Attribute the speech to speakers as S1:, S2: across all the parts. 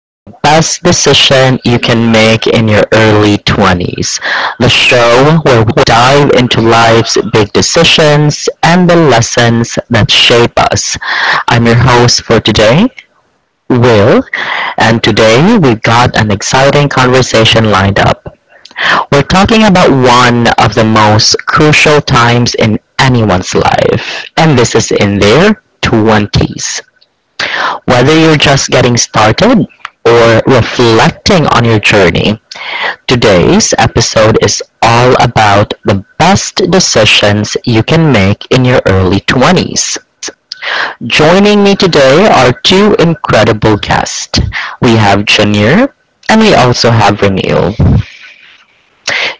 S1: The Best Decision You Can Make in Your Early 20s, the show where we dive into life's big decisions and the lessons that shape us. I'm your host for today, Will, and today we've got an exciting conversation lined up. We're talking about one of the most crucial times in anyone's life, and this is in their 20s. Whether you're just getting started or reflecting on your journey, today's episode is all about the best decisions you can make in your early 20s. Joining me today are two incredible guests. We have Janir and we also have Ranil.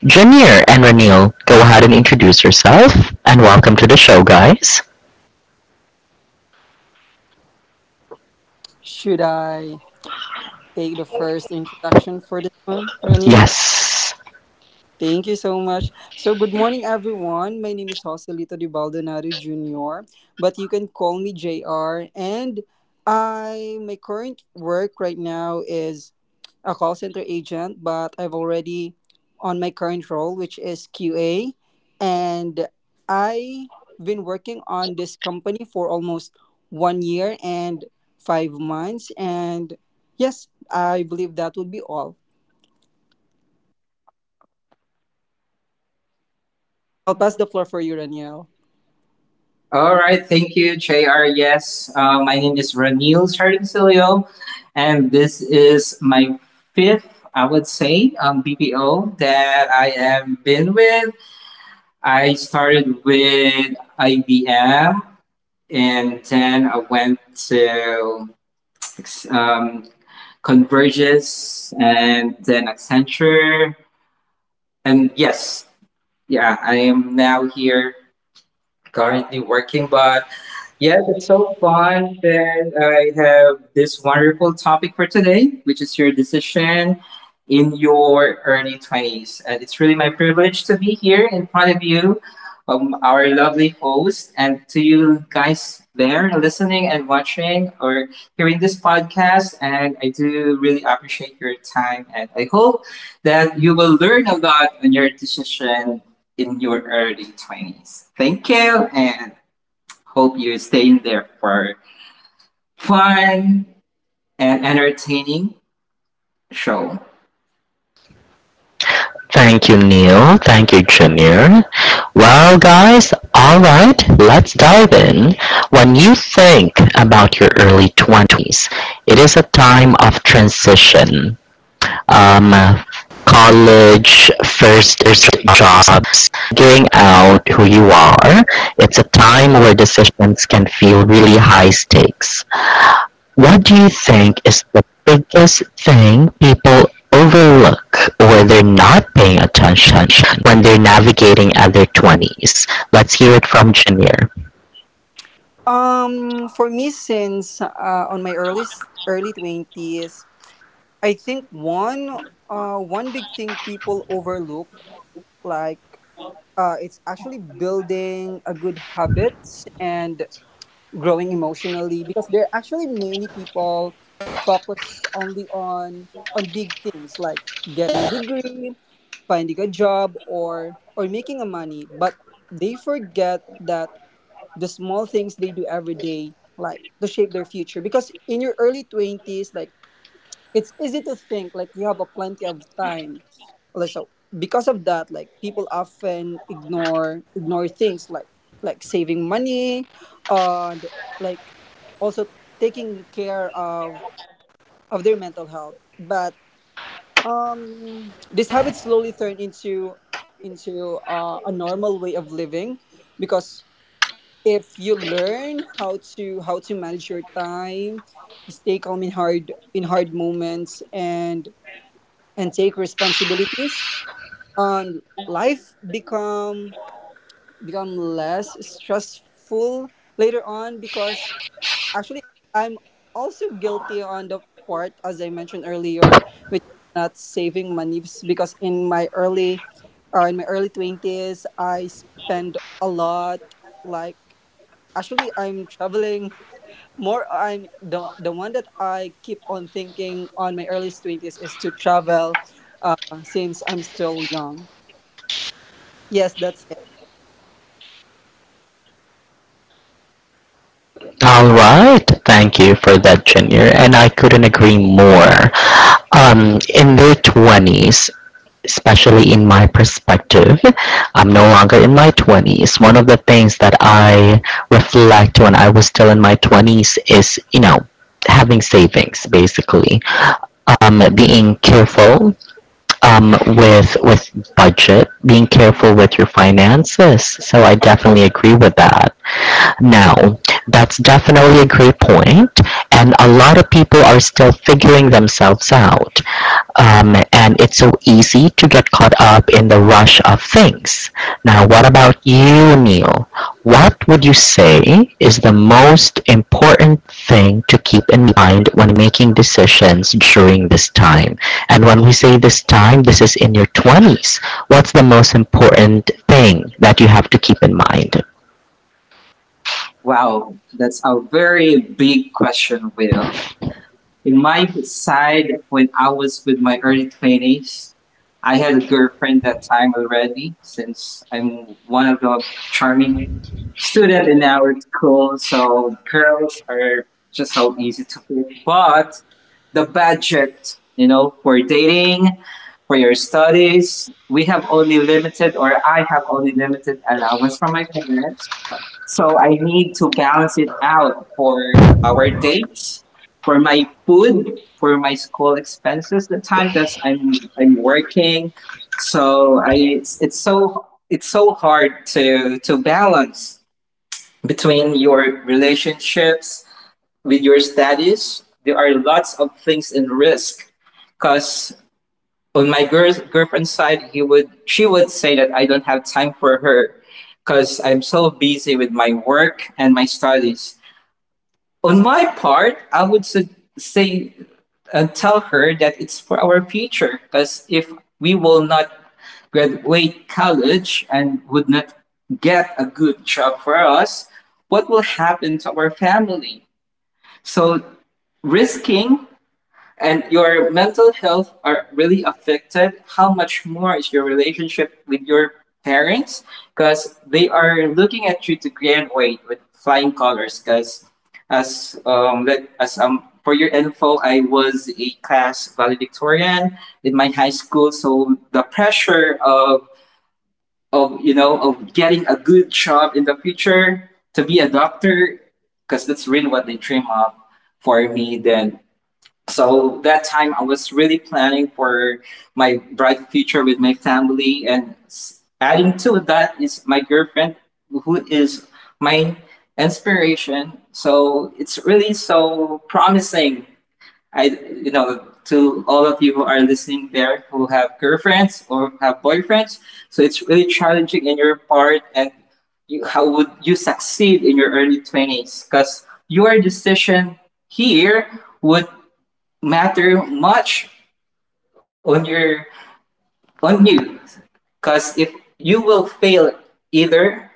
S1: Janir and Ranil, go ahead and introduce yourself and welcome to the show, guys.
S2: Should I take the first introduction for this one, Ranil?
S1: Yes.
S2: Thank you so much. So, good morning, everyone. My name is Joselito Di Baldonado Jr., but you can call me JR. And my current work right now is a call center agent, but I've already on my current role, which is QA. And I've been working on this company for almost 1 year and 5 months. And yes, I believe that would be all. I'll pass the floor for you, Raniel.
S3: All right, thank you, J R. Yes, my name is Ranil Sardincilio, and this is my fifth, I would say, BPO that I am been with. I started with IBM, and then I went to um, Convergys, and then Accenture, and yeah, I am now here currently working, but yes, it's so fun that I have this wonderful topic for today, which is your decision in your early 20s. And it's really my privilege to be here in front of you, our lovely host, and to you guys there listening and watching or hearing this podcast. And I do really appreciate your time. And I hope that you will learn a lot on your decision in your early 20s. Thank you. And hope you stay in there for fun and entertaining show.
S1: Thank you, Neil. Thank you, Junior. Well, guys, alright, let's dive in. When you think about your early 20s, it is a time of transition. Um, College, first jobs, figuring out who you are. It's a time where decisions can feel really high stakes. What do you think is the biggest thing people overlook or they're not paying attention when they're navigating at their 20s? Let's hear it from Junior.
S2: For me, since on my earliest early twenties, I think one big thing people overlook, like it's actually building a good habits and growing emotionally because there are actually many people focus only on big things like getting a degree, finding a job, or making a money, but they forget that the small things they do every day like to shape their future, because in your early 20s like it's easy to think like you have a plenty of time. So because of that, like people often ignore things like saving money, and like also taking care of their mental health. But this habit slowly turn into a normal way of living, because if you learn how to manage your time, stay calm in hard moments, and take responsibilities, and life become less stressful later on. Because actually, I'm also guilty on the part, as I mentioned earlier, which is not saving money, because in my early 20s I spend a lot. Like actually I'm traveling more. I'm the one that I keep on thinking on my early 20s is to travel, uh, since I'm still young. Yes, that's it.
S1: All right. Thank you for that, Junior. And I couldn't agree more. In their 20s, especially in my perspective, I'm no longer in my 20s. One of the things that I reflect when I was still in my 20s is, you know, having savings basically being careful with budget, being careful with your finances. So I definitely agree with that. Now, that's definitely a great point, and a lot of people are still figuring themselves out and it's so easy to get caught up in the rush of things. Now, what about you, Neil? What would you say is the most important thing to keep in mind when making decisions during this time? And when we say this time, this is in your 20s. What's the most important thing that you have to keep in mind?
S3: Wow, that's a very big question, Will. In my side, when I was with my early 20s, I had a girlfriend that time already since I'm one of the charming student in our school. So girls are just so easy to pick. But the budget, you know, for dating, for your studies. We have only limited, or I have only limited allowance from my parents. So I need to balance it out for our dates, for my food, for my school expenses, the time that I'm working. So I it's so hard to balance between your relationships with your studies, there are lots of things in risk. Because on my girlfriend's side, he would she would say that I don't have time for her because I'm so busy with my work and my studies. On my part, say and tell her that it's for our future. Because if we will not graduate college and would not get a good job for us, what will happen to our family? So risking and your mental health are really affected, how much more is your relationship with your parents, because they are looking at you to graduate with flying colors. Because as let as for your info, I was a class valedictorian in my high school. So the pressure of of getting a good job in the future to be a doctor, because that's really what they dream of for me then. So that time I was really planning for my bright future with my family and, adding to that, is my girlfriend, who is my inspiration. So it's really so promising. I you know To all of you who are listening there, who have girlfriends or have boyfriends, so it's really challenging in your part. And you, how would you succeed in your early 20s, because your decision here would matter much on your, on you, because if you will fail, either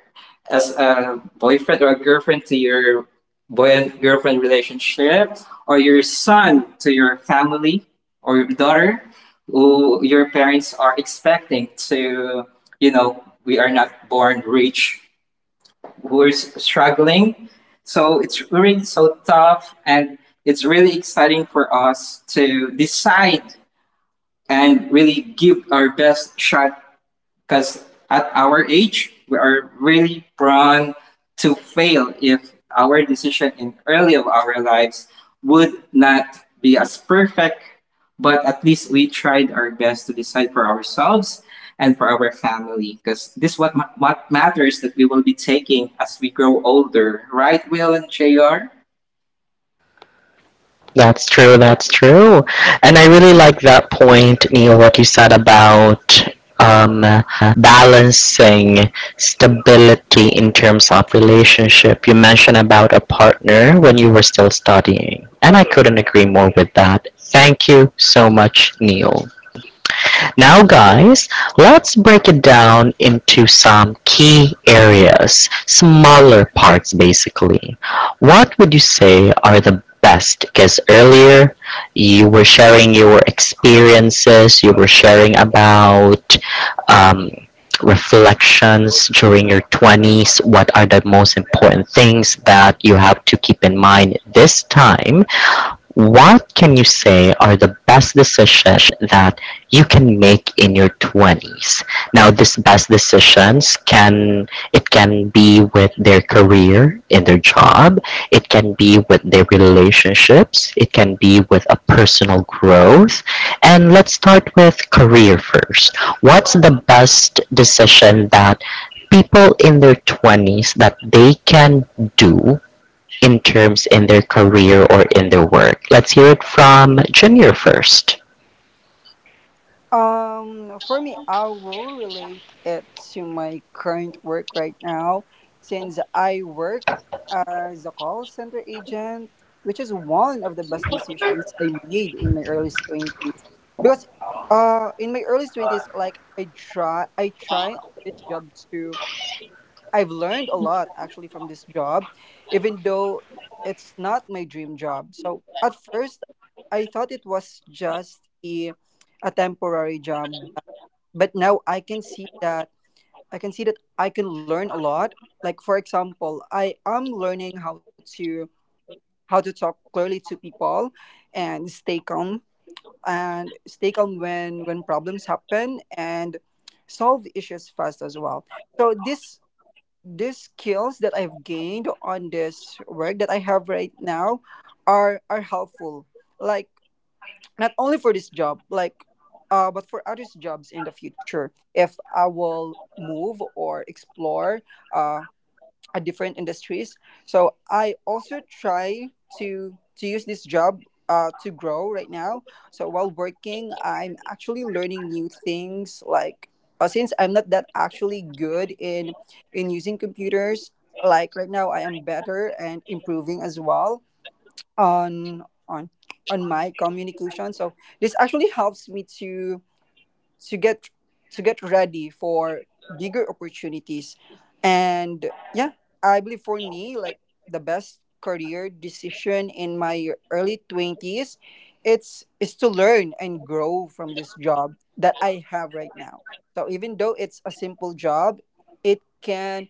S3: as a boyfriend or a girlfriend to your boy and girlfriend relationship, or your son to your family, or your daughter who your parents are expecting to, you know, we are not born rich, we're struggling. So it's really so tough, and it's really exciting for us to decide and really give our best shot, because at our age, we are really prone to fail if our decision in early of our lives would not be as perfect. But at least we tried our best to decide for ourselves and for our family, because this what what matters, that we will be taking as we grow older, right, Will and Jr.?
S1: That's true. That's true. And I really like that point, Neil, what you said about um, balancing stability in terms of relationship. You mentioned about a partner when you were still studying, and I couldn't agree more with that. Thank you so much, Neil. Now guys, let's break it down into some key areas, smaller parts basically. What would you say are the best? Because earlier you were sharing your experiences, you were sharing about um, reflections during your 20s. What are the most important things that you have to keep in mind this time what can you say are the best decisions that you can make in your 20s? Now, these best decisions can it can be with their career in their job, it can be with their relationships, it can be with a personal growth. And let's start with career first. What's the best decision that people in their 20s that they can do in terms in their career or in their work. Let's hear it from Junior first.
S2: Um, for me, I will relate it to my current work right now, since I work as a call center agent, which is one of the best decisions I made in my early 20s. Because in my early 20s, like I try on this job to, I've learned a lot actually from this job, even though it's not my dream job. So at first, I thought it was just a temporary job, but now I can see that I can learn a lot. Like for example, I am learning how to talk clearly to people and stay calm when problems happen, and solve issues fast as well. So this these skills that I've gained on this work that I have right now are helpful. Like not only for this job, like but for other jobs in the future, if I will move or explore uh, at different industries. So I also try to use this job, to grow right now. So while working, I'm actually learning new things. Like since I'm not that actually good in using computers, like right now I am better and improving as well on on my communication. So this actually helps me to to get to get ready for bigger opportunities. And yeah, I believe for me like the best career decision in my early 20s, it's is to learn and grow from this job that I have right now. So even though it's a simple job, it can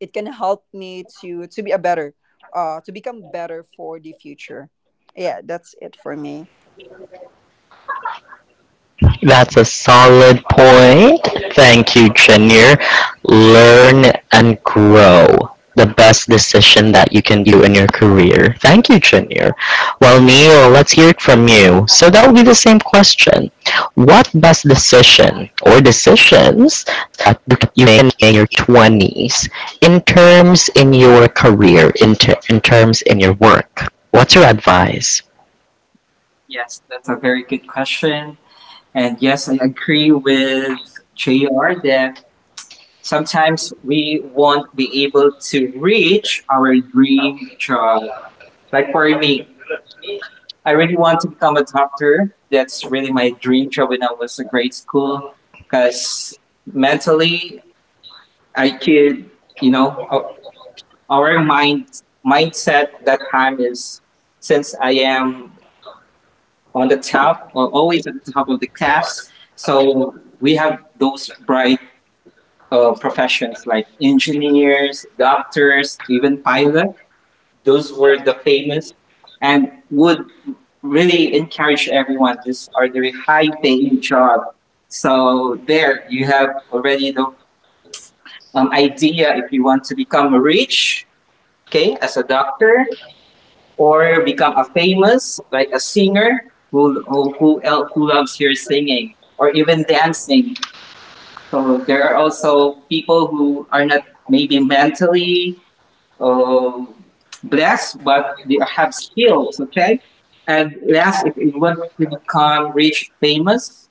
S2: it can help me to be a better, to become better for the future. Yeah, that's it for me.
S1: That's a solid point. Thank you, Junior. Learn and grow. The best decision that you can do in your career. Thank you, Junior. Well, Neil, let's hear it from you. So that will be the same question. What best decision or decisions that you made in your 20s in terms in your career, in terms in your work? What's your advice?
S3: Yes, that's a very good question, and yes, I agree with Jr. that sometimes we won't be able to reach our dream job. Like for me, I really want to become a doctor. That's really my dream job when I was in grade school. Because mentally I could, you know, our mindset that time is, since I am on the top, or always at the top of the class. So we have those bright professions like engineers, doctors, even pilot. Those were the famous and would really encourage everyone. These are the high paying job. So there you have already the idea if you want to become rich, okay, as a doctor, or become a famous, like a singer who else, who loves your singing or even dancing. So there are also people who are not maybe mentally uh, blessed, but they have skills, okay? And last, if you want to become rich, famous,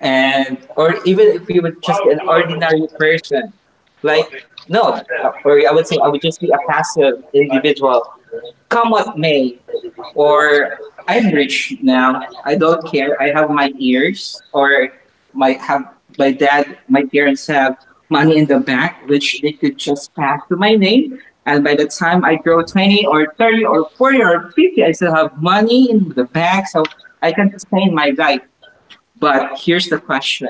S3: and or even if you would just be an ordinary person, like no, or I would say I would just be a passive individual. Come what may, or I'm rich now. I don't care. I have my ears, or my have my dad, my parents have money in the bank, which they could just pass to my name. And by the time I grow 20 or 30 or 40 or 50, I still have money in the bank, so I can sustain my life. But here's the question: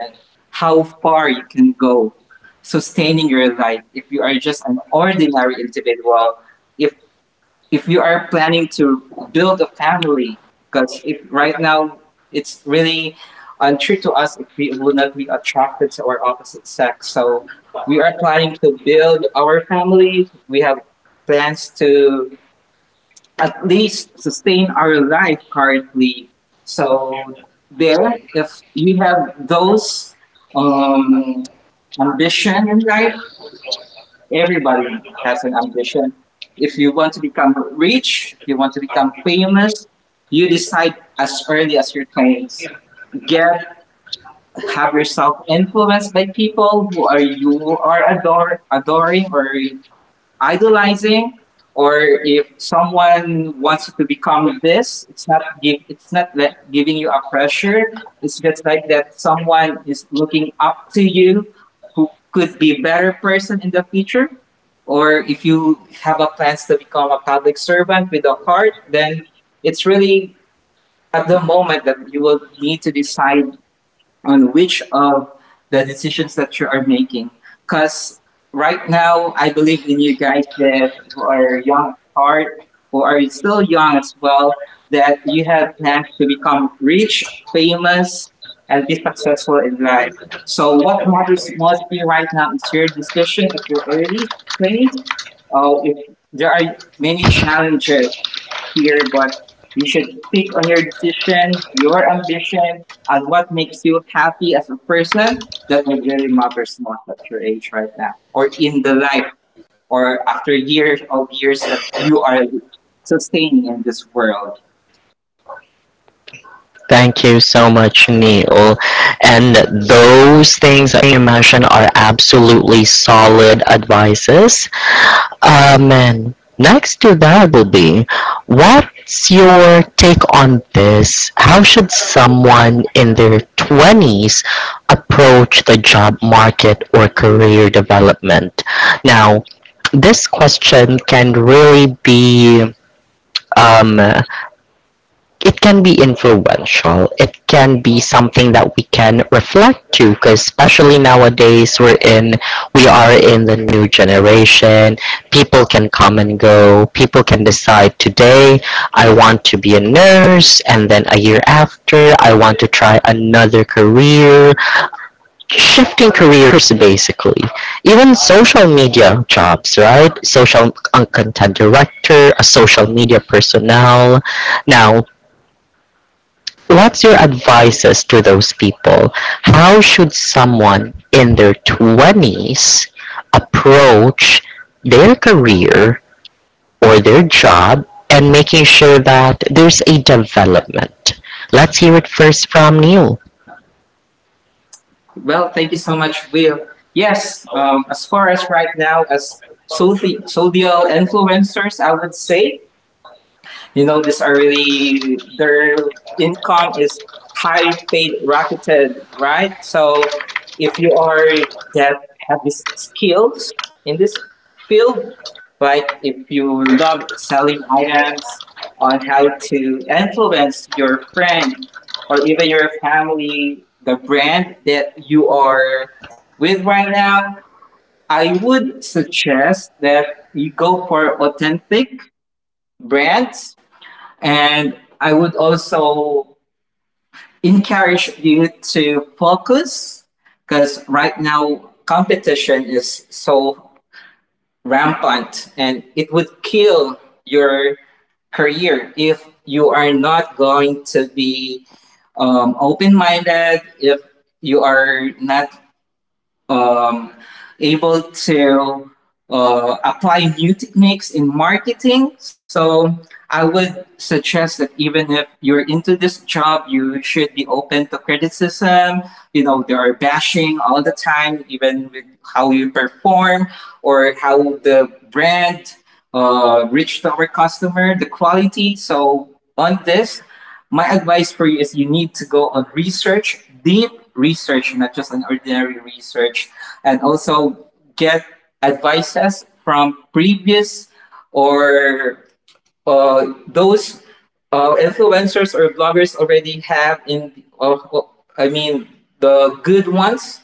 S3: how far you can go sustaining your life if you are just an ordinary individual? If if you are planning to build a family, because if right now it's really untrue to us if we will not be attracted to our opposite sex, so we are planning to build our family, we have plans to at least sustain our life currently. So there, if you have those um, ambition in life. Everybody has an ambition. If you want to become rich, you want to become famous, you decide as early as your 20s. Get Have yourself influenced by people who are you are adoring or idolizing. Or if someone wants you to become this, it's not give it's not that giving you a pressure, it's just like that someone is looking up to you who could be a better person in the future. Or if you have a plans to become a public servant with a heart, then it's really at the moment that you will need to decide on which of the decisions that you are making. Because right now, I believe in you guys that who are young at heart, who are still young as well, that you have plans to become rich, famous, and be successful in life. So, what matters mostly right now is your decision at your early place. If there are many challenges here, but you should pick on your decision, your ambition, and what makes you happy as a person. That really matters most at your age right now, or in the life, or after years of years that you are sustaining in this world.
S1: Thank you so much, Neil. And those things that you mentioned are absolutely solid advices. And next to that will be what's your take on this? How should someone in their 20s approach the job market or career development? Now, this question can really be um, it can be influential. It can be something that we can reflect to, because especially nowadays we are in the new generation. People can come and go. People can decide today, I want to be a nurse, and then a year after, I want to try another career. Shifting careers, basically. Even social media jobs, right? Social content director, a social media personnel. Now, what's your advices to those people? How should someone in their 20s approach their career or their job and making sure that there's a development? Let's hear it first from Neil.
S3: Well, thank you so much, Will. Yes, as far as right now, as social influencers, I would say, you know, these are really their income is high paid rocketed, right? So if you are that have these skills in this field, like if you love selling items on how to influence your friend or even your family, the brand that you are with right now, I would suggest that you go for authentic brands. And I would also encourage you to focus, because right now competition is so rampant and it would kill your career if you are not going to be open minded, if you are not um, able to apply new techniques in marketing. So I would suggest that even if you're into this job, you should be open to criticism. You know, there are bashing all the time, even with how you perform or how the brand reached our customer, the quality. So on this, my advice for you is you need to go on research, deep research, not just an ordinary research, and also get advices from previous or those influencers or bloggers already have in. I mean the good ones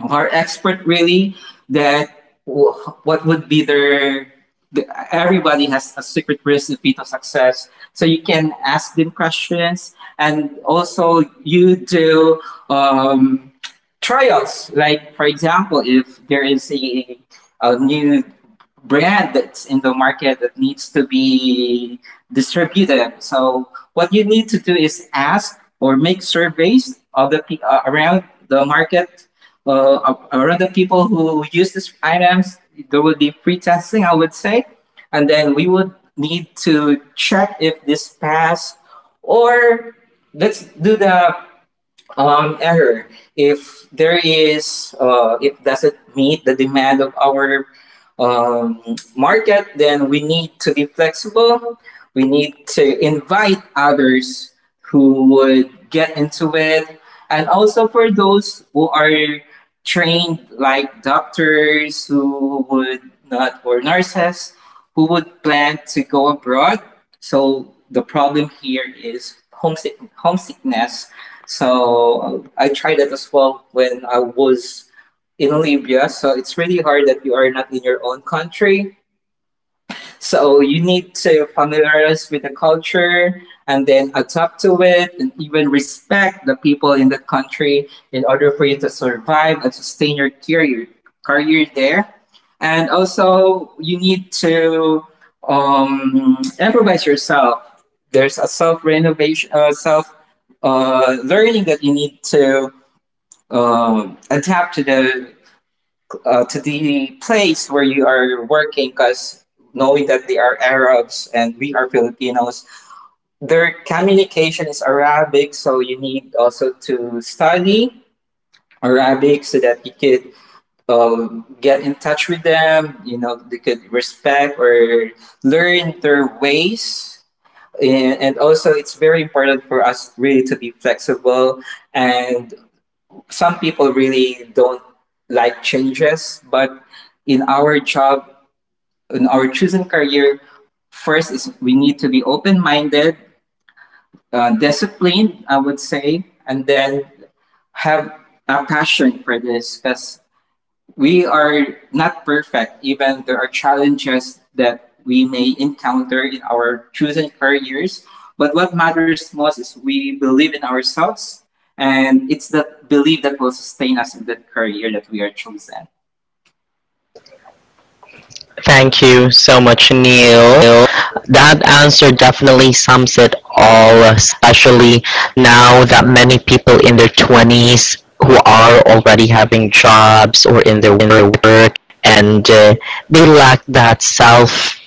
S3: are expert really that w- what would be their the, everybody has a secret recipe to success, so you can ask them questions. And also you do um, trials. Like for example, if there is a new brand that's in the market that needs to be distributed, so what you need to do is ask or make surveys of the around the market, around the people who use these items, there will be free testing, I would say. And then we would need to check if this passed, or let's do the error. If there is, if doesn't meet the demand of our um, market, then we need to be flexible. We need to invite others who would get into it. And also for those who are trained, like doctors who would not, or nurses who would plan to go abroad. So the problem here is homesickness, so I tried that as well when I was in Libya. So it's really hard that you are not in your own country. So you need to familiarize with the culture and then adapt to it and even respect the people in that country in order for you to survive and sustain your career there. And also you need to improvise yourself. There's a self renovation, self learning that you need to adapt to the to the place where you are working because knowing that they are Arabs and we are Filipinos, their communication is Arabic, so you need also to study Arabic so that you could get in touch with them. They could respect or learn their ways. And also, it's very important for us really to be flexible. And some people really don't like changes, but in our job, in our chosen career, first is we need to be open-minded, disciplined, I would say, and then have a passion for this because we are not perfect. Even there are challenges that we may encounter in our chosen careers. But what matters most is we believe in ourselves, and it's that belief that will sustain us in that career that we are chosen.
S1: Thank you so much, Neil. That answer definitely sums it all, especially now that many people in their 20s who are already having jobs or in their work and they lack that self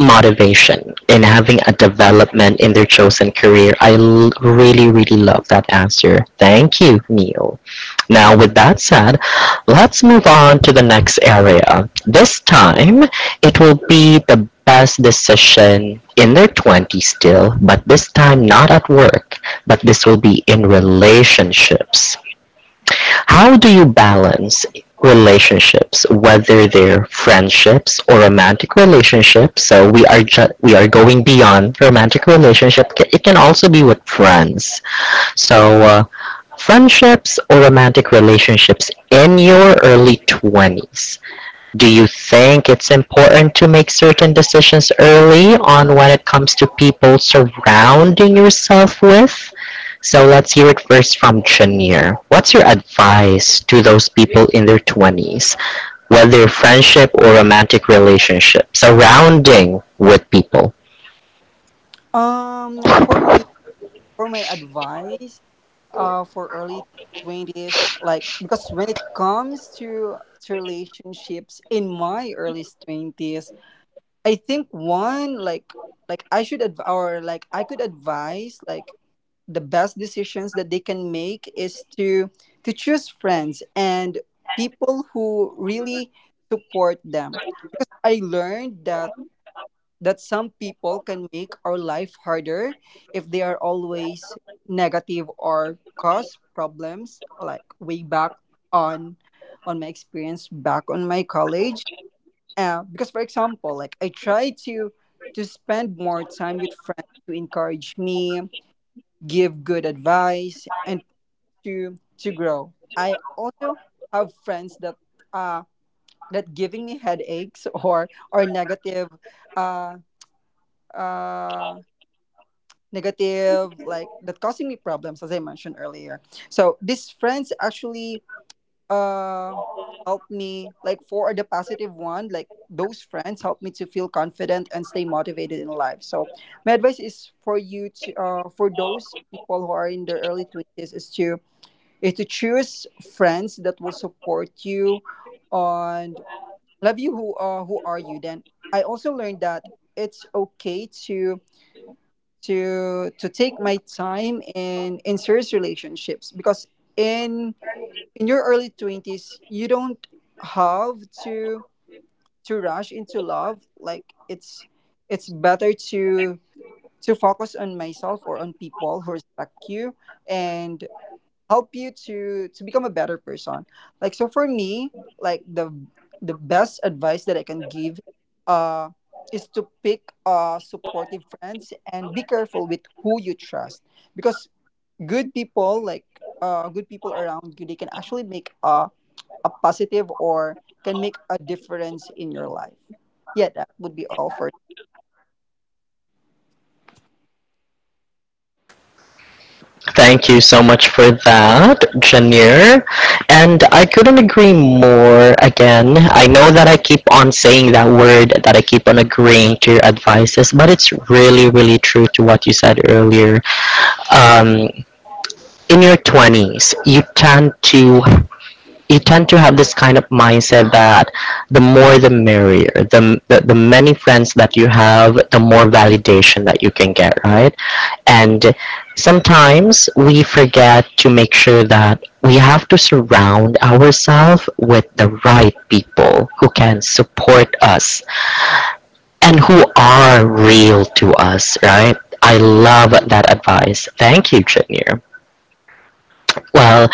S1: motivation in having a development in their chosen career. Really, really love that answer. Thank you, Neil. Now, with that said, let's move on to the next area. This time, it will be the best decision in their 20s still, but this time not at work, but this will be in relationships. How do you balance relationships, whether they're friendships or romantic relationships? So we are going beyond romantic relationship. It can also be with friends. So, friendships or romantic relationships in your early 20s. Do you think it's important to make certain decisions early on when it comes to people surrounding yourself with? So, let's hear it first from Chanier. What's your advice to those people in their 20s, whether friendship or romantic relationship, surrounding with people?
S2: Um, for me, for my advice for early 20s, like because when it comes to relationships in my early 20s, I think one like I should adv- or like I could advise, like the best decisions that they can make is to choose friends and people who really support them, because I learned that some people can make our life harder if they are always negative or cause problems. Like way back on my experience back on my college, because for example like I try to spend more time with friends to encourage me, give good advice, and to grow. I also have friends that uh giving me headaches or uh uh negative, like that causing me problems, as I mentioned earlier. So these friends actually, uh helped me, like for the positive one, like those friends helped me to feel confident and stay motivated in life. So my advice is for you to for those people who are in their early twenties is to choose friends that will support you and love you who are you then. I also learned that it's okay to take my time in serious relationships, because in your early 20s you don't have to rush into love. Like it's better to focus on myself or on people who respect you and help you to become a better person. Like so for me like the best advice that I can give, uh is to pick supportive friends and be careful with who you trust, because good people like good people around you, they can actually make a positive, or can make a difference in your life. Yeah, that would be all for.
S1: Thank you so much for that, Janir. And I couldn't agree more again. I know that I keep on saying that word, that I keep on agreeing to your advices, but it's really, really true to what you said earlier. Um, in your 20s, you tend to have this kind of mindset that the more the merrier. The many friends that you have, the more validation that you can get, right? And sometimes we forget to make sure that we have to surround ourselves with the right people who can support us and who are real to us, right? I love that advice. Thank you, Junior. Well,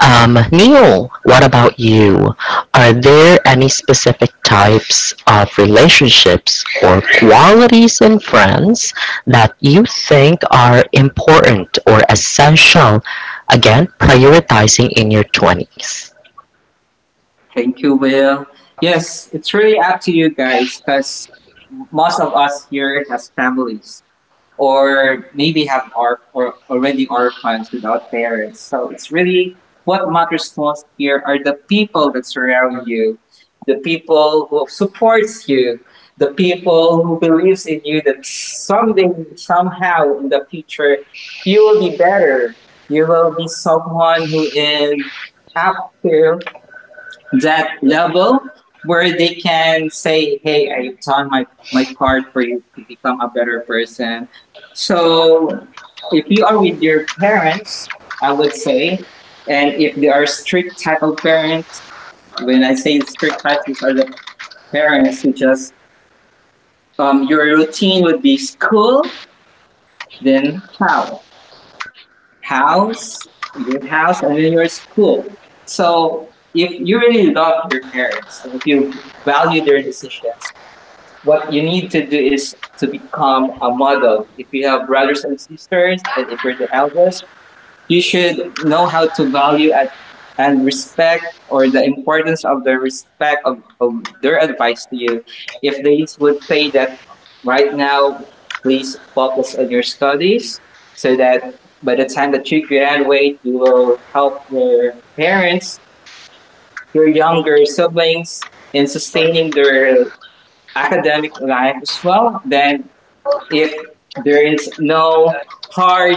S1: Neil, what about you? Are there any specific types of relationships or qualities in friends that you think are important or essential? Again, prioritizing in your 20s.
S3: Thank you, Will. Yes, it's really up to you guys because most of us here has families or maybe have our or already orphans without parents. So it's really what matters most here are the people that surround you, the people who supports you, the people who believes in you that someday somehow in the future you will be better. You will be someone who is up to that level where they can say, "Hey, I've done my part for you to become a better person." So, if you are with your parents, I would say, and if they are strict type of parents, when I say strict types, these are the parents who just your routine would be school, then how? House, your house, and then your school. So if you really love your parents and if you value their decisions, what you need to do is to become a model. If you have brothers and sisters, and if you're the eldest, you should know how to value at, and respect or the importance of the respect of their advice to you. If they would say that right now, please focus on your studies so that by the time that you graduate, you will help your parents, your younger siblings in sustaining their academic life as well. Then if there is no hard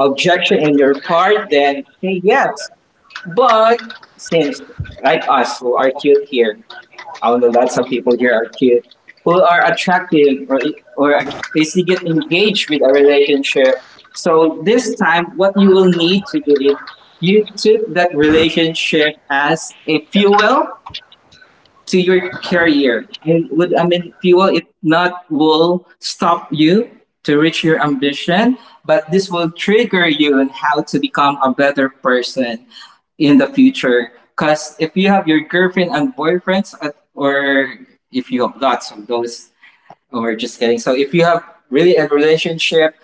S3: objection in your part, then say yes. But since like us who are cute here, I know that some people here are cute who are attractive or basically get engaged with a relationship. So this time, what you will need to do is you took that relationship as a fuel to your career and would I mean fuel it not will stop you to reach your ambition, but this will trigger you on how to become a better person in the future. Because if you have your girlfriend and boyfriends, or if you have lots of those, or just kidding. So if you have really a relationship,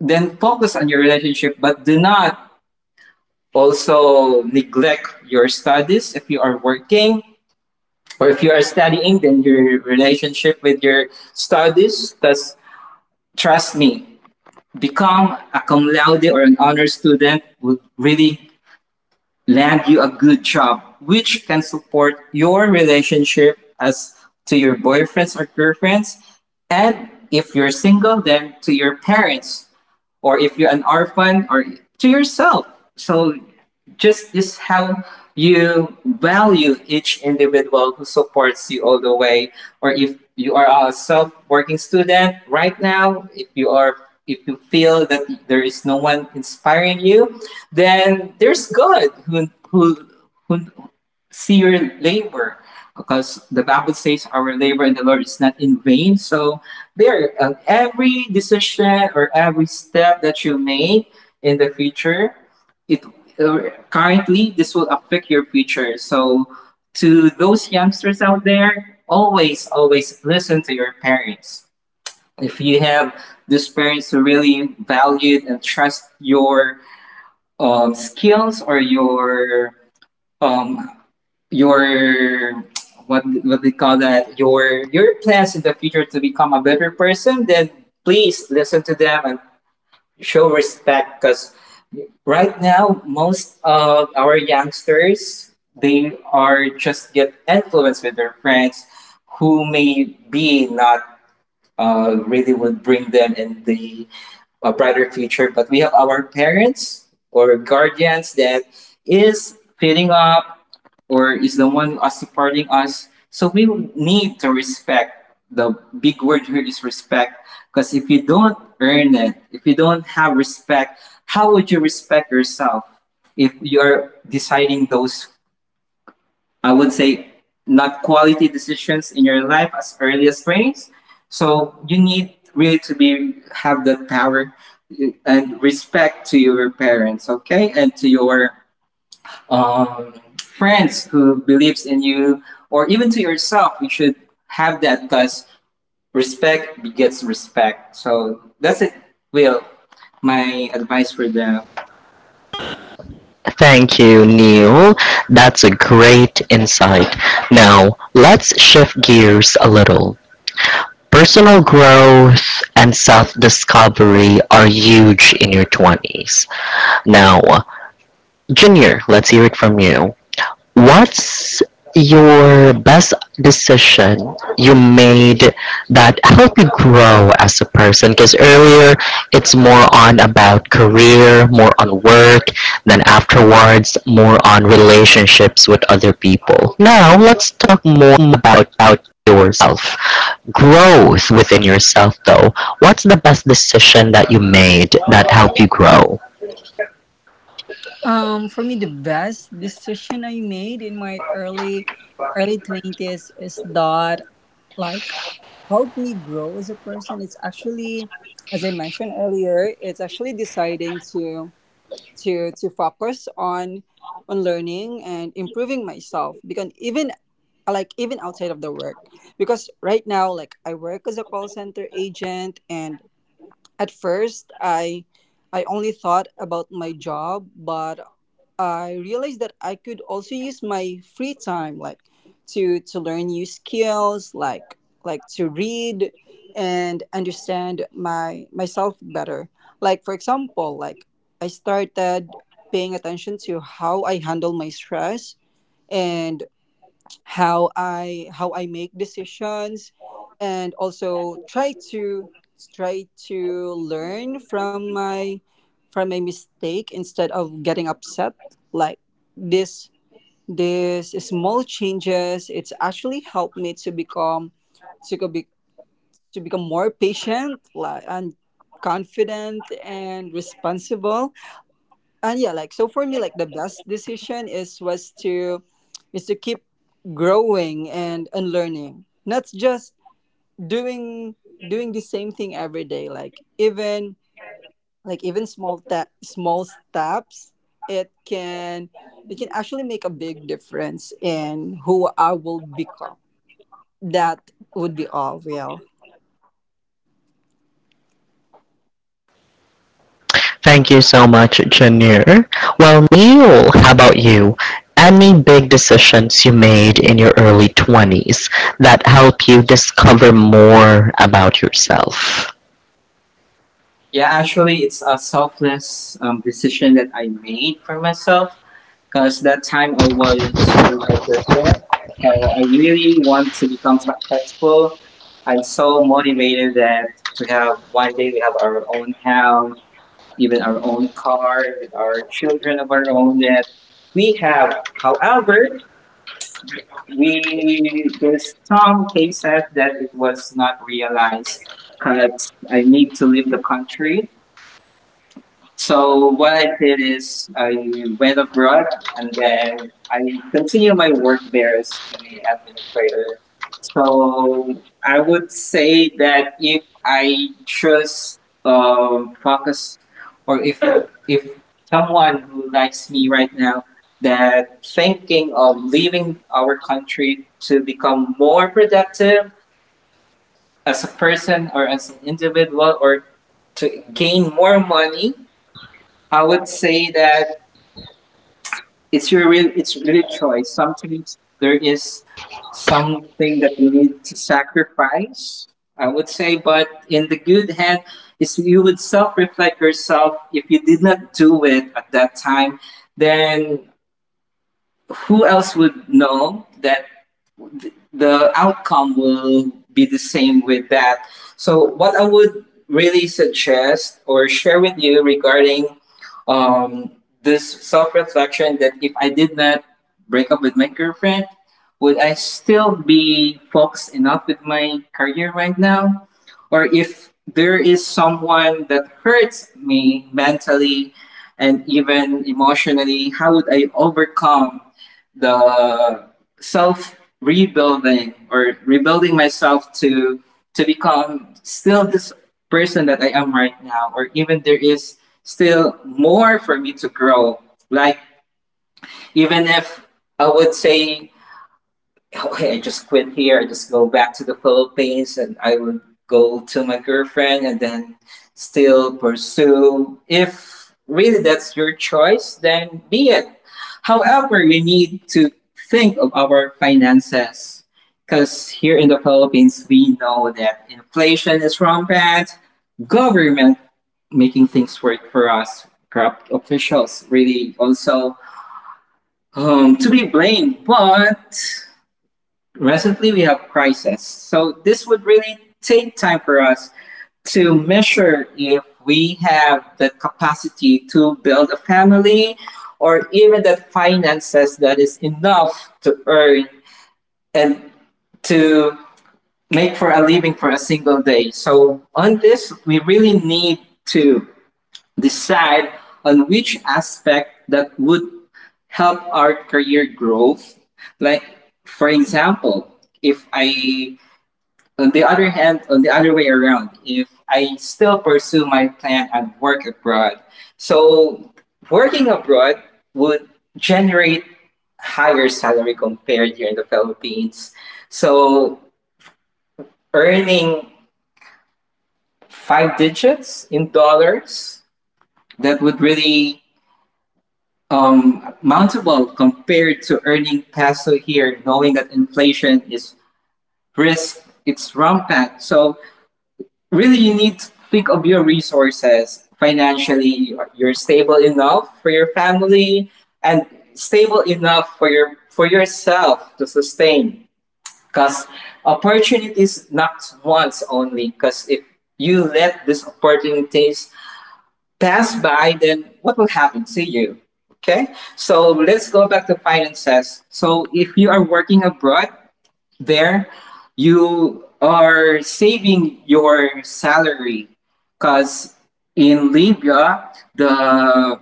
S3: then focus on your relationship, but do not also neglect your studies if you are working or if you are studying, then your relationship with your studies. Thus, trust me, become a cum laude or an honor student would really land you a good job, which can support your relationship as to your boyfriends or girlfriends, and if you're single, then to your parents or if you're an orphan or to yourself. So just is how you value each individual who supports you all the way or if you are a self-working student right now, if you feel that there is no one inspiring you, then there's God who see your labor, because the Bible says our labor in the Lord is not in vain. So there every decision or every step that you make in the future, it currently this will affect your future. So to those youngsters out there, always listen to your parents if you have these parents who really valued and trust your skills or um, your what they call that, your plans in the future to become a better person. Then please listen to them and show respect, because right now most of our youngsters, they are just get influenced with their friends who may be not really would bring them in the a brighter future. But we have our parents or guardians that is feeding up or is the one us supporting us. So we need to respect. The big word here is respect. Because if you don't earn it, if you don't have respect, how would you respect yourself if you're deciding those, I would say, not quality decisions in your life as early as 20s. So you need really to be have the power and respect to your parents, okay, and to your friends who believes in you, or even to yourself. You should have that because respect begets respect. So that's it, Will. My advice for them?
S1: Thank you, Neil. That's a great insight. Now, let's shift gears a little. Personal growth and self discovery are huge in your 20s. Now, Junior, let's hear it from you. What's your best decision you made that helped you grow as a person? Because earlier it's more on about career, more on work, then afterwards more on relationships with other people. Now let's talk more about yourself. Growth within yourself though. What's the best decision that you made that helped you grow?
S2: For me, the best decision I made in my early twenties is that, like helped me grow as a person, it's actually, as I mentioned earlier, it's actually deciding to focus on learning and improving myself, because even like even outside of the work, because right now like I work as a call center agent, and at first I only thought about my job, but I realized that I could also use my free time, like to learn new skills, like to read and understand my myself better. Like for example, like I started paying attention to how I handle my stress and how I make decisions, and also try to learn from my mistake instead of getting upset. Like this this small changes, it's actually helped me to become to go be, to become more patient, like, and confident and responsible. And yeah, like so for me like the best decision is was to is to keep growing and unlearning, not just doing doing the same thing every day. Like even small small steps, it can it can actually make a big difference in who I will become. That would be all, Will.
S1: Thank you so much, Janir. Well, Neil, how about you? Any big decisions you made in your early 20s that help you discover more about yourself?
S3: Yeah, actually, it's a selfless decision that I made for myself because that time I was doing a aggressive. So I really want to become successful. I'm so motivated that to have one day we have our own house, even our own car, with our children of our own that we have. However, we there's some cases that it was not realized because I need to leave the country. So what I did is I went abroad and then I continued my work there as the administrator. So I would say that if I just focus, or if someone who likes me right now that thinking of leaving our country to become more productive as a person or as an individual or to gain more money, I would say that it's really choice. Sometimes there is something that you need to sacrifice, I would say, but in the good hand, is you would self reflect yourself. If you did not do it at that time, then who else would know that the outcome will be the same with that. So, what I would really suggest or share with you regarding um, this self reflection, that if I did not break up with my girlfriend, would I still be focused enough with my career right now? Or if there is someone that hurts me mentally and even emotionally, how would I overcome the self rebuilding or rebuilding myself to become still this person that I am right now, or even there is still more for me to grow. Like, even if I would say okay, I just quit here. I just go back to the Philippines and I will go to my girlfriend and then still pursue. If really that's your choice, then be it. However, we need to think of our finances because here in the Philippines, we know that inflation is rampant, government making things work for us, corrupt officials really also to be blamed, but recently we have crisis. So this would really take time for us to measure if we have the capacity to build a family or even the finances that is enough to earn and to make for a living for a single day. So on this, we really need to decide on which aspect that would help our career growth. Like, for example, if I, on the other hand, on the other way around, if I still pursue my plan and work abroad, so working abroad would generate higher salary compared here in the Philippines. So earning five digits in dollars, that would really mountable compared to earning peso here, knowing that inflation is risk, it's rampant. So really you need to think of your resources, financially you're stable enough for your family and stable enough for yourself to sustain, because opportunities not once only, because if you let these opportunities pass by, then what will happen to you? Okay, so let's go back to finances. So if you are working abroad, there you are saving your salary because in Libya, the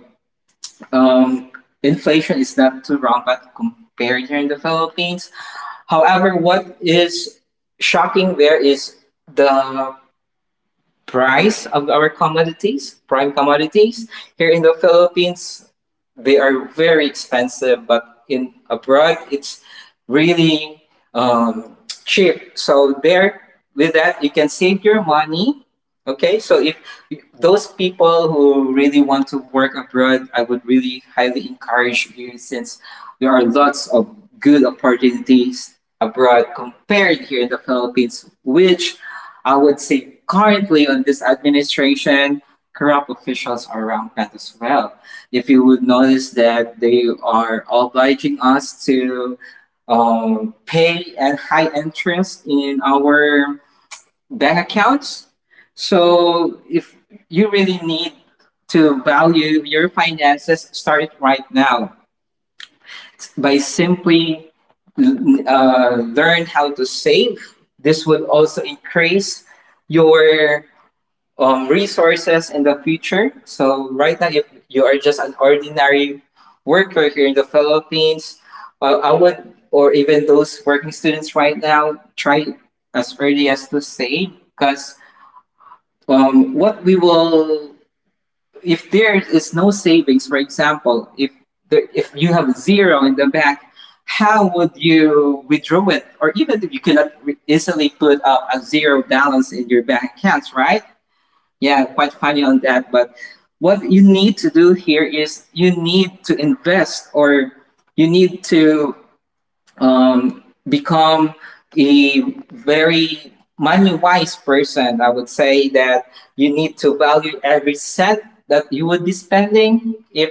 S3: um, inflation is not too rampant compared here in the Philippines. However, what is shocking there is the price of our commodities, prime commodities, here in the Philippines they are very expensive, but in abroad it's really um, cheap. So there, with that, you can save your money. Okay, so if those people who really want to work abroad, I would really highly encourage you, since there are lots of good opportunities abroad compared here in the Philippines, which I would say currently on this administration, corrupt officials are rampant as well. If you would notice that they are obliging us to pay a high interest in our bank accounts. So if you really need to value your finances, start it right now by simply learn how to save. This would also increase your resources in the future. So right now, if you are just an ordinary worker here in the Philippines, I would, or even those working students right now, try as early as to save because um, what we will, if there is no savings, for example, if you have zero in the bank, how would you withdraw it? Or even if you cannot easily put up a zero balance in your bank accounts, right? Yeah, quite funny on that. But what you need to do here is you need to invest or you need to become a very money wise person. I would say that you need to value every cent that you would be spending. If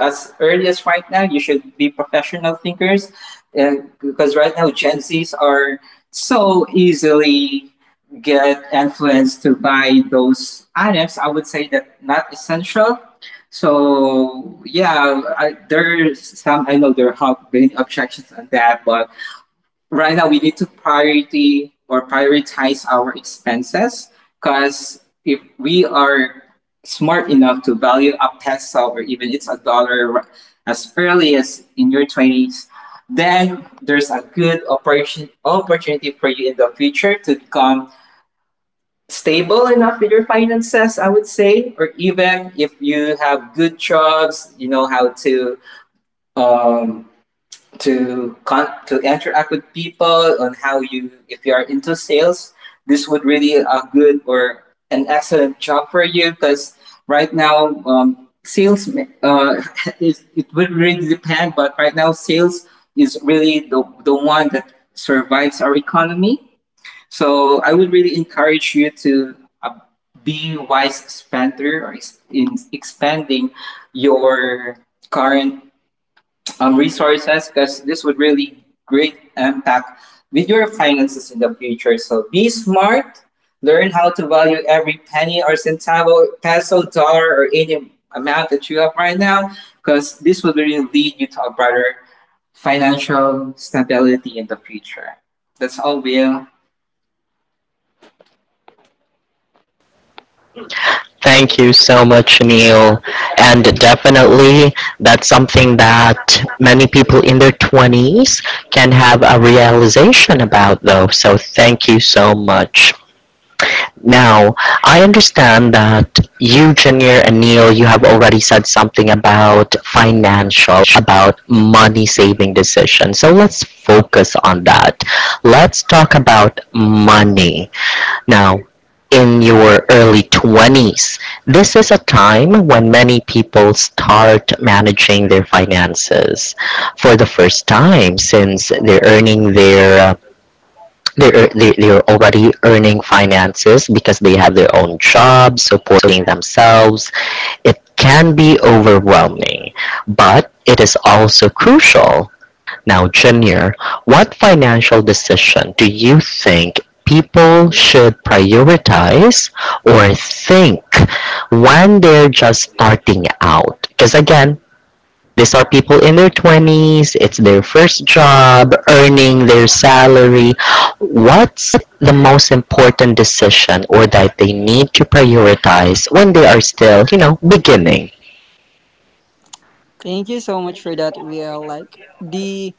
S3: as early as right now, you should be professional thinkers, and because right now Gen Zs are so easily get influenced to buy those items. I would say that not essential so yeah, there's some. I know there have been objections on that, but right now we need to priority or prioritize our expenses because if we are smart enough to value a peso or even it's a as early as in your twenties, then there's a good operation opportunity for you in the future to become stable enough with your finances, I would say, or even if you have good jobs, you know how to um, to interact with people on how you if you are into sales, this would really a good or an excellent job for you because right now sales uh, it would really depend, but right now sales is really the one that survives our economy so I would really encourage you to uh, be a wise spender or in expanding your current resources because this would really great impact with your finances in the future. So be smart, learn how to value every penny or centavo, peso, dollar, or any amount that you have right now because this will really lead you to a better financial stability in the future. That's all, Will.
S1: Thank you so much, Neil. And definitely, that's something that many people in their 20s can have a realization about, though. So, thank you so much. Now, I understand that you, Janir, and Neil, you have already said something about financial, about money saving decisions. So let's focus on that. Let's talk about money. Now, in your early 20s, this is a time when many people start managing their finances for the first time since they're already earning finances because they have their own jobs supporting themselves it can be overwhelming but it is also crucial now junior what financial decision do you think people should prioritize or think when they're just starting out because again these are people in their 20s, it's their first job, earning their salary. What's the most important decision or that they need to prioritize when they are still, you know, beginning?
S2: Thank you so much for that, Will. Like the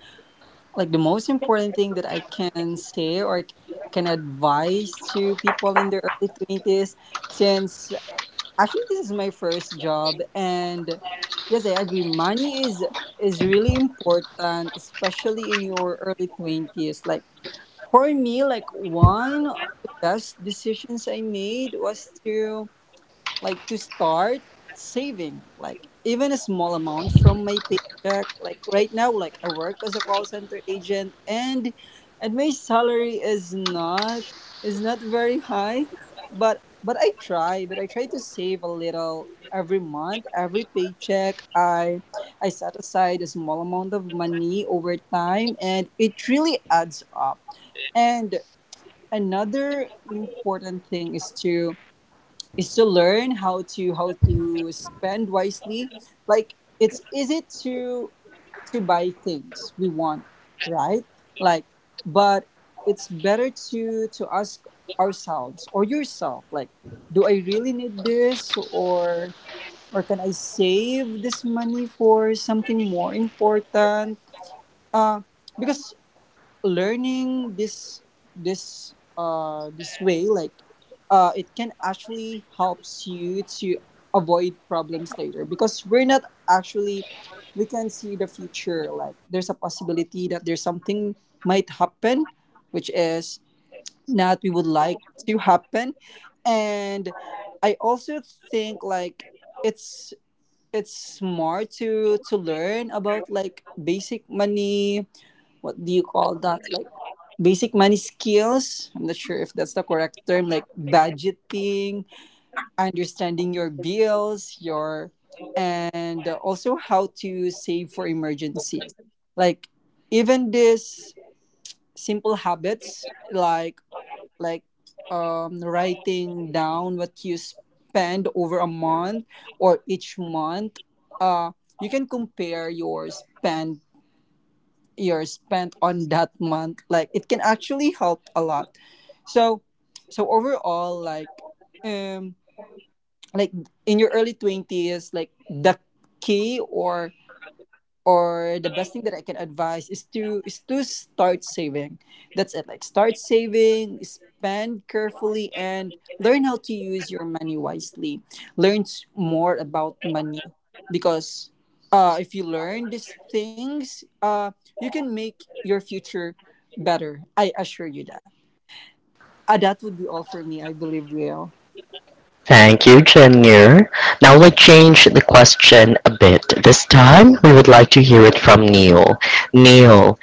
S2: like the most important thing that I can say or can advise to people in their early 20s, since actually this is my first job. And yes, I agree money is really important, especially in your early 20s. Like for me like one of the best decisions I made was to, like to start saving, like even a small amount from my paycheck. Like right now like I work as a call center agent, and my salary is not very high, but I try to save a little every month. Every paycheck I set aside a small amount of money over time, and it really adds up. And another important thing is to learn how to spend wisely. Like it's easy to buy things we want, right? Like but it's better to ask ourselves or yourself, like do I really need this, or can I save this money for something more important? Uh because learning this way, like it can actually helps you to avoid problems later, because we're not actually we can see the future. Like there's a possibility that there's something might happen, which is not we would like to happen. And I also think like it's smart to learn about like basic money, what do you call that, like basic money skills, I'm not sure if that's the correct term, like budgeting, understanding your bills, your, and also how to save for emergencies. Like even these simple habits, like like writing down what you spend over a month or each month, uh, you can compare your spend you're spent on that month, like it can actually help a lot. So overall, um like in your early 20s, like the key or the best thing that I can advise is to start saving. That's it. Like start saving, spend carefully, and learn how to use your money wisely. Learn more about money, because if you learn these things, you can make your future better. I assure you that. That would be all for me, I believe, Leo.
S1: Thank you, Junior. Now let's change the question a bit. This time, we would like to hear it from Neil. Neil,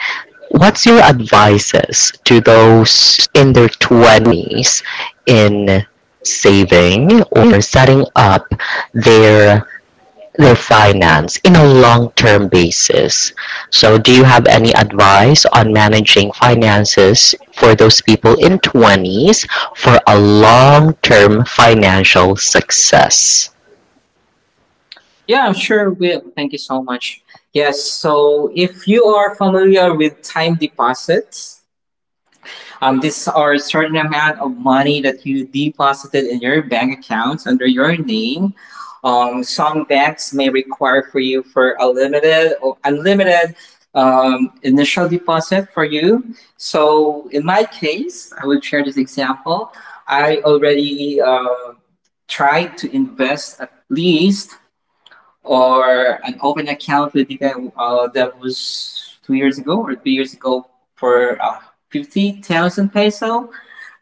S1: what's your advices to those in their 20s in saving or setting up their their finance in a long-term basis? So, do you have any advice on managing finances for those people in 20s for a long-term financial success?
S3: Yeah, I'm sure will. Thank you so much. Yes, so if you are familiar with time deposits, these are a certain amount of money that you deposited in your bank accounts under your name. Some banks may require for you for a limited or unlimited initial deposit for you. So in my case, I will share this example. I already tried to invest at least or an open account with you guys that was 2 years ago or 3 years ago for 50,000 peso.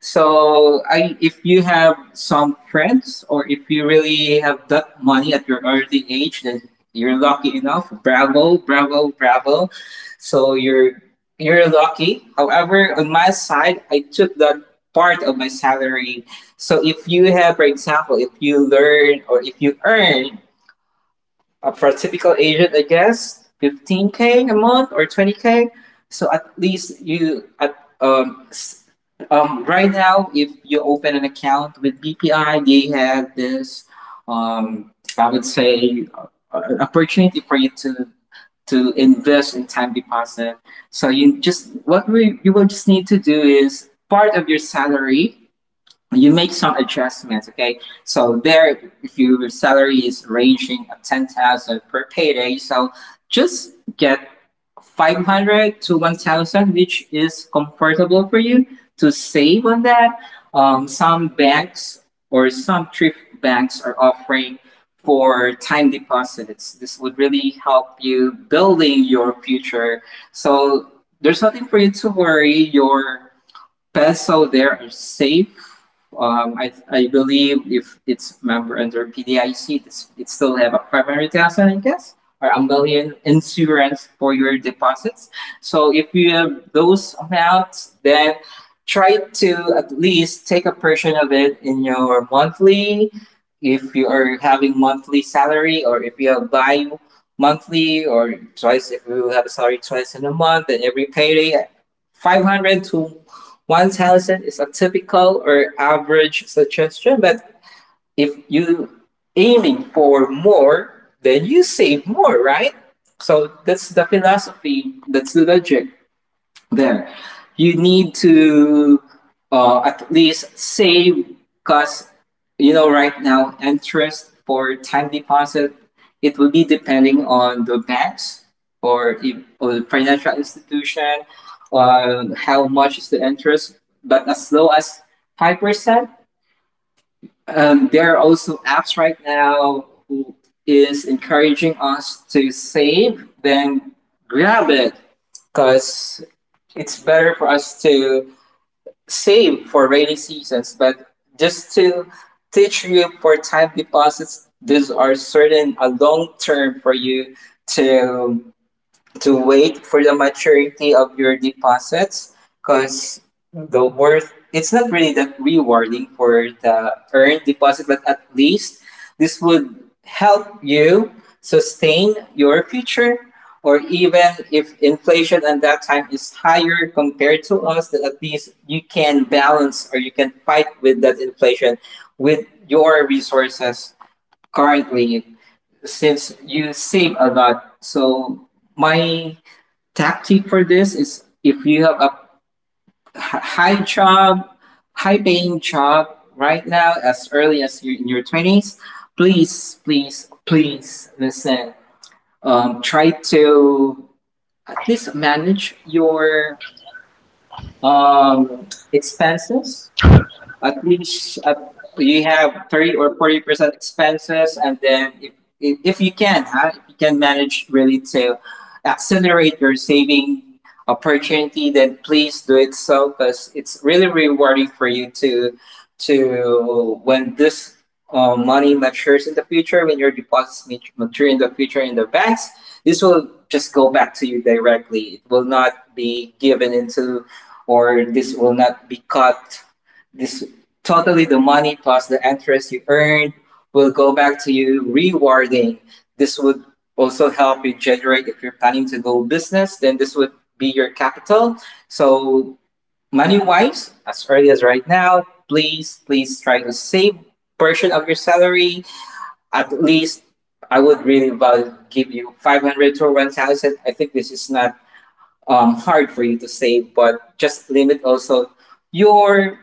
S3: So I, if you have some friends or if you really have that money at your early age, then you're lucky enough. Bravo, bravo, bravo. So you're lucky. However, on my side, I took that part of my salary. So if you have, for example, if you learn or if you earn for a typical agent, I guess, 15K a month or 20K. So at least um, s- right now, if you open an account with BPI, they have this, um, I would say, an opportunity for you to invest in time deposit. So you just what we you will just need to do is part of your salary you make some adjustments, okay? So there if your salary is ranging at 10,000 per payday so just get 500 to 1000 which is comfortable for you to save on that. Some banks or some thrift banks are offering for time deposits, this would really help you building your future. So there's nothing for you to worry, your peso there is safe. I believe if it's member under PDIC, it still have a 500,000, I guess, or a million insurance for your deposits. So if you have those amounts, then try to at least take a portion of it in your monthly, if you are having monthly salary or if you have bi monthly or twice, if you have a salary twice in a month, and every payday, 500 to 1000 is a typical or average suggestion, but if you aiming for more, then you save more, right? So that's the philosophy, that's the logic there. You need to at least save because you know right now interest for time deposit it will be depending on the banks or, if, or the financial institution on how much is the interest but as low as 5%. There are also apps right now who is encouraging us to save, then grab it because it's better for us to save for rainy seasons. But just to teach you for time deposits, these are certain a long term for you to to wait for the maturity of your deposits because the worth it's not really that rewarding for the earned deposit but at least this would help you sustain your future or even if inflation at that time is higher compared to us that at least you can balance or you can fight with that inflation with your resources currently since you save a lot. So my tactic for this is if you have a high job, high paying job right now, as early as you're in your 20s, please, please, please listen. Try to at least manage your expenses at least you have 30 or 40% expenses and then if you can huh, if you can manage really to accelerate your saving opportunity then please do it so because it's really rewarding for you to when this money matures in the future when your deposits mature in the future in the banks. This will just go back to you directly, it will not be given into or this will not be cut, this totally the money plus the interest you earned will go back to you rewarding. This would also help you generate if you're planning to go business then this would be your capital. So money wise, as early as right now, please please try to save portion of your salary, at least. I would really value, give you 500 to 1000, I think this is not hard for you to save but just limit also your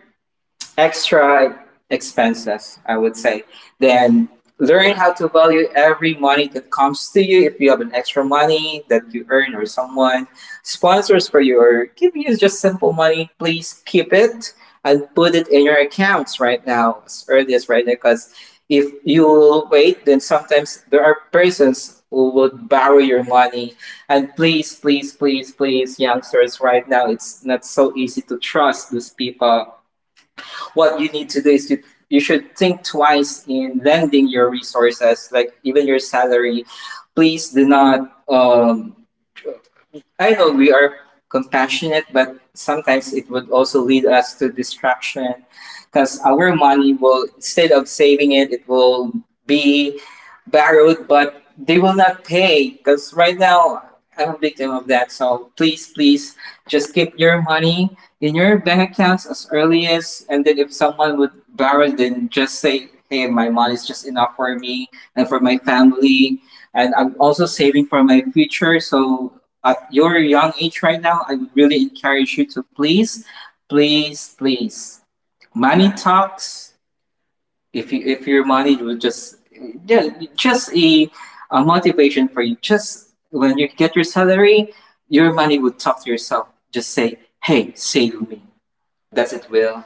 S3: extra expenses, I would say. Then learn how to value every money that comes to you. If you have an extra money that you earn or someone sponsors for you or give you just simple money, please keep it and put it in your accounts right now, as early as right now, because if you will wait, then sometimes there are persons who would borrow your money. And please, please, please, please, youngsters, right now, it's not so easy to trust those people. What you need to do is to you should think twice in lending your resources, like even your salary. Please do not. I know we are compassionate, but sometimes it would also lead us to distraction because our money will, instead of saving it, it will be borrowed, but they will not pay because right now I'm a victim of that. So please, please, just keep your money in your bank accounts as early as, and then if someone would borrow, then just say, hey, my money is just enough for me and for my family, and I'm also saving for my future. So at your young age right now, I would really encourage you to please, please, please, money talks, if you if your money would just yeah just a motivation for you, just when you get your salary your money would talk to yourself, just say hey save me, that's it will.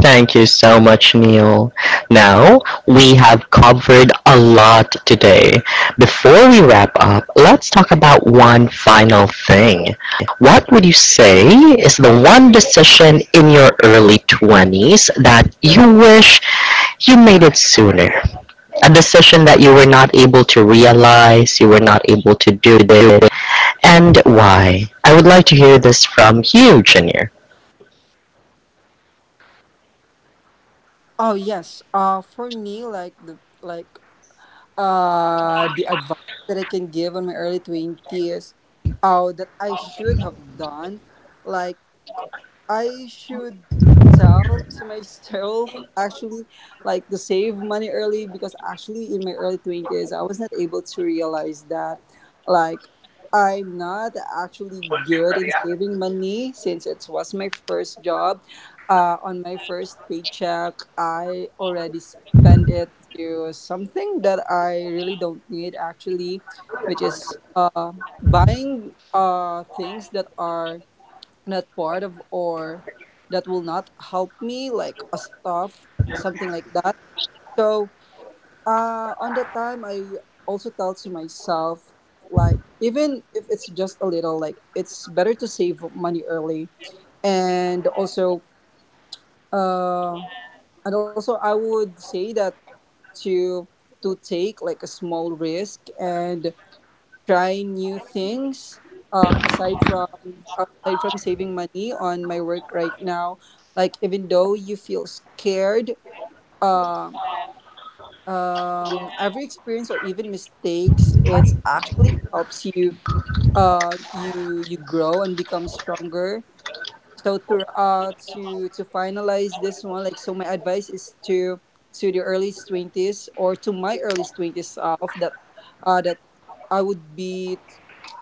S1: Thank you so much, Neil. Now, we have covered a lot today. Before we wrap up, let's talk about one final thing. What would you say is the one decision in your early 20s that you wish you made it sooner? A decision that you were not able to realize, you were not able to do, and why? I would like to hear this from you, Junior.
S2: Oh yes. For me, like the advice that I can give on my early 20s, oh, that I should have done, like I should tell to myself actually, like to save money early, because actually in my early 20s I was not able to realize that. Like I'm not actually good in saving money, since it was my first job. On my first paycheck, I already spent it to something that I really don't need actually, which is buying things that are not part of or that will not help me, like a stuff, something like that. So on the time, I also tell to myself, like even if it's just a little, like it's better to save money early. And also, uh I would say that to take like a small risk and try new things, uh, aside from aside from saving money on my work right now. Like even though you feel scared, uh, every experience or even mistakes, it's actually helps you you grow and become stronger. So to to finalize this one, like so my advice is to the early 20s, or to my early 20s, of that that I would be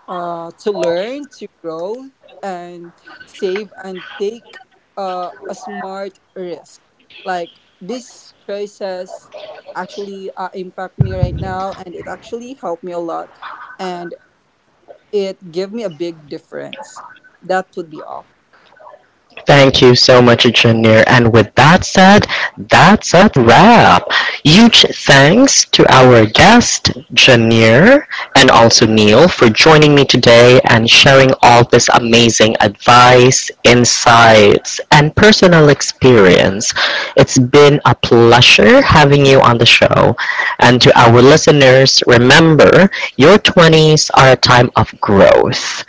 S2: to learn, to grow, and save, and take a smart risk. Like these choices actually, impact me right now, and it actually helped me a lot, and it gave me a big difference. That would be all.
S1: Thank you so much, Janir. And with that said, that's a wrap. Huge thanks to our guest, Janir, and also Neil for joining me today and sharing all this amazing advice, insights, and personal experience. It's been a pleasure having you on the show. And to our listeners, remember your 20s are a time of growth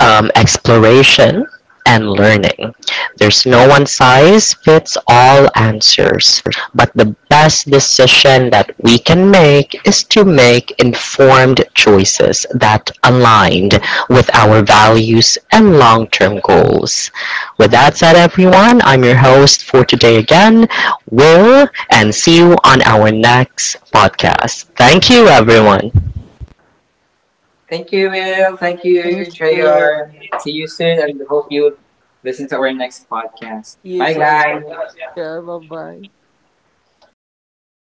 S1: exploration and learning. There's no one size fits all answers, but the best decision that we can make is to make informed choices that aligned with our values and long-term goals. With that said, everyone, I'm your host for today again, Will, and see you on our next podcast. Thank you, everyone.
S3: Thank you, Will. Thank
S2: Thank
S3: you,
S2: you.
S3: JR. See you soon and hope you listen to our next podcast.
S2: You
S3: Bye,
S2: too as
S3: guys.
S2: well. Yeah, bye bye.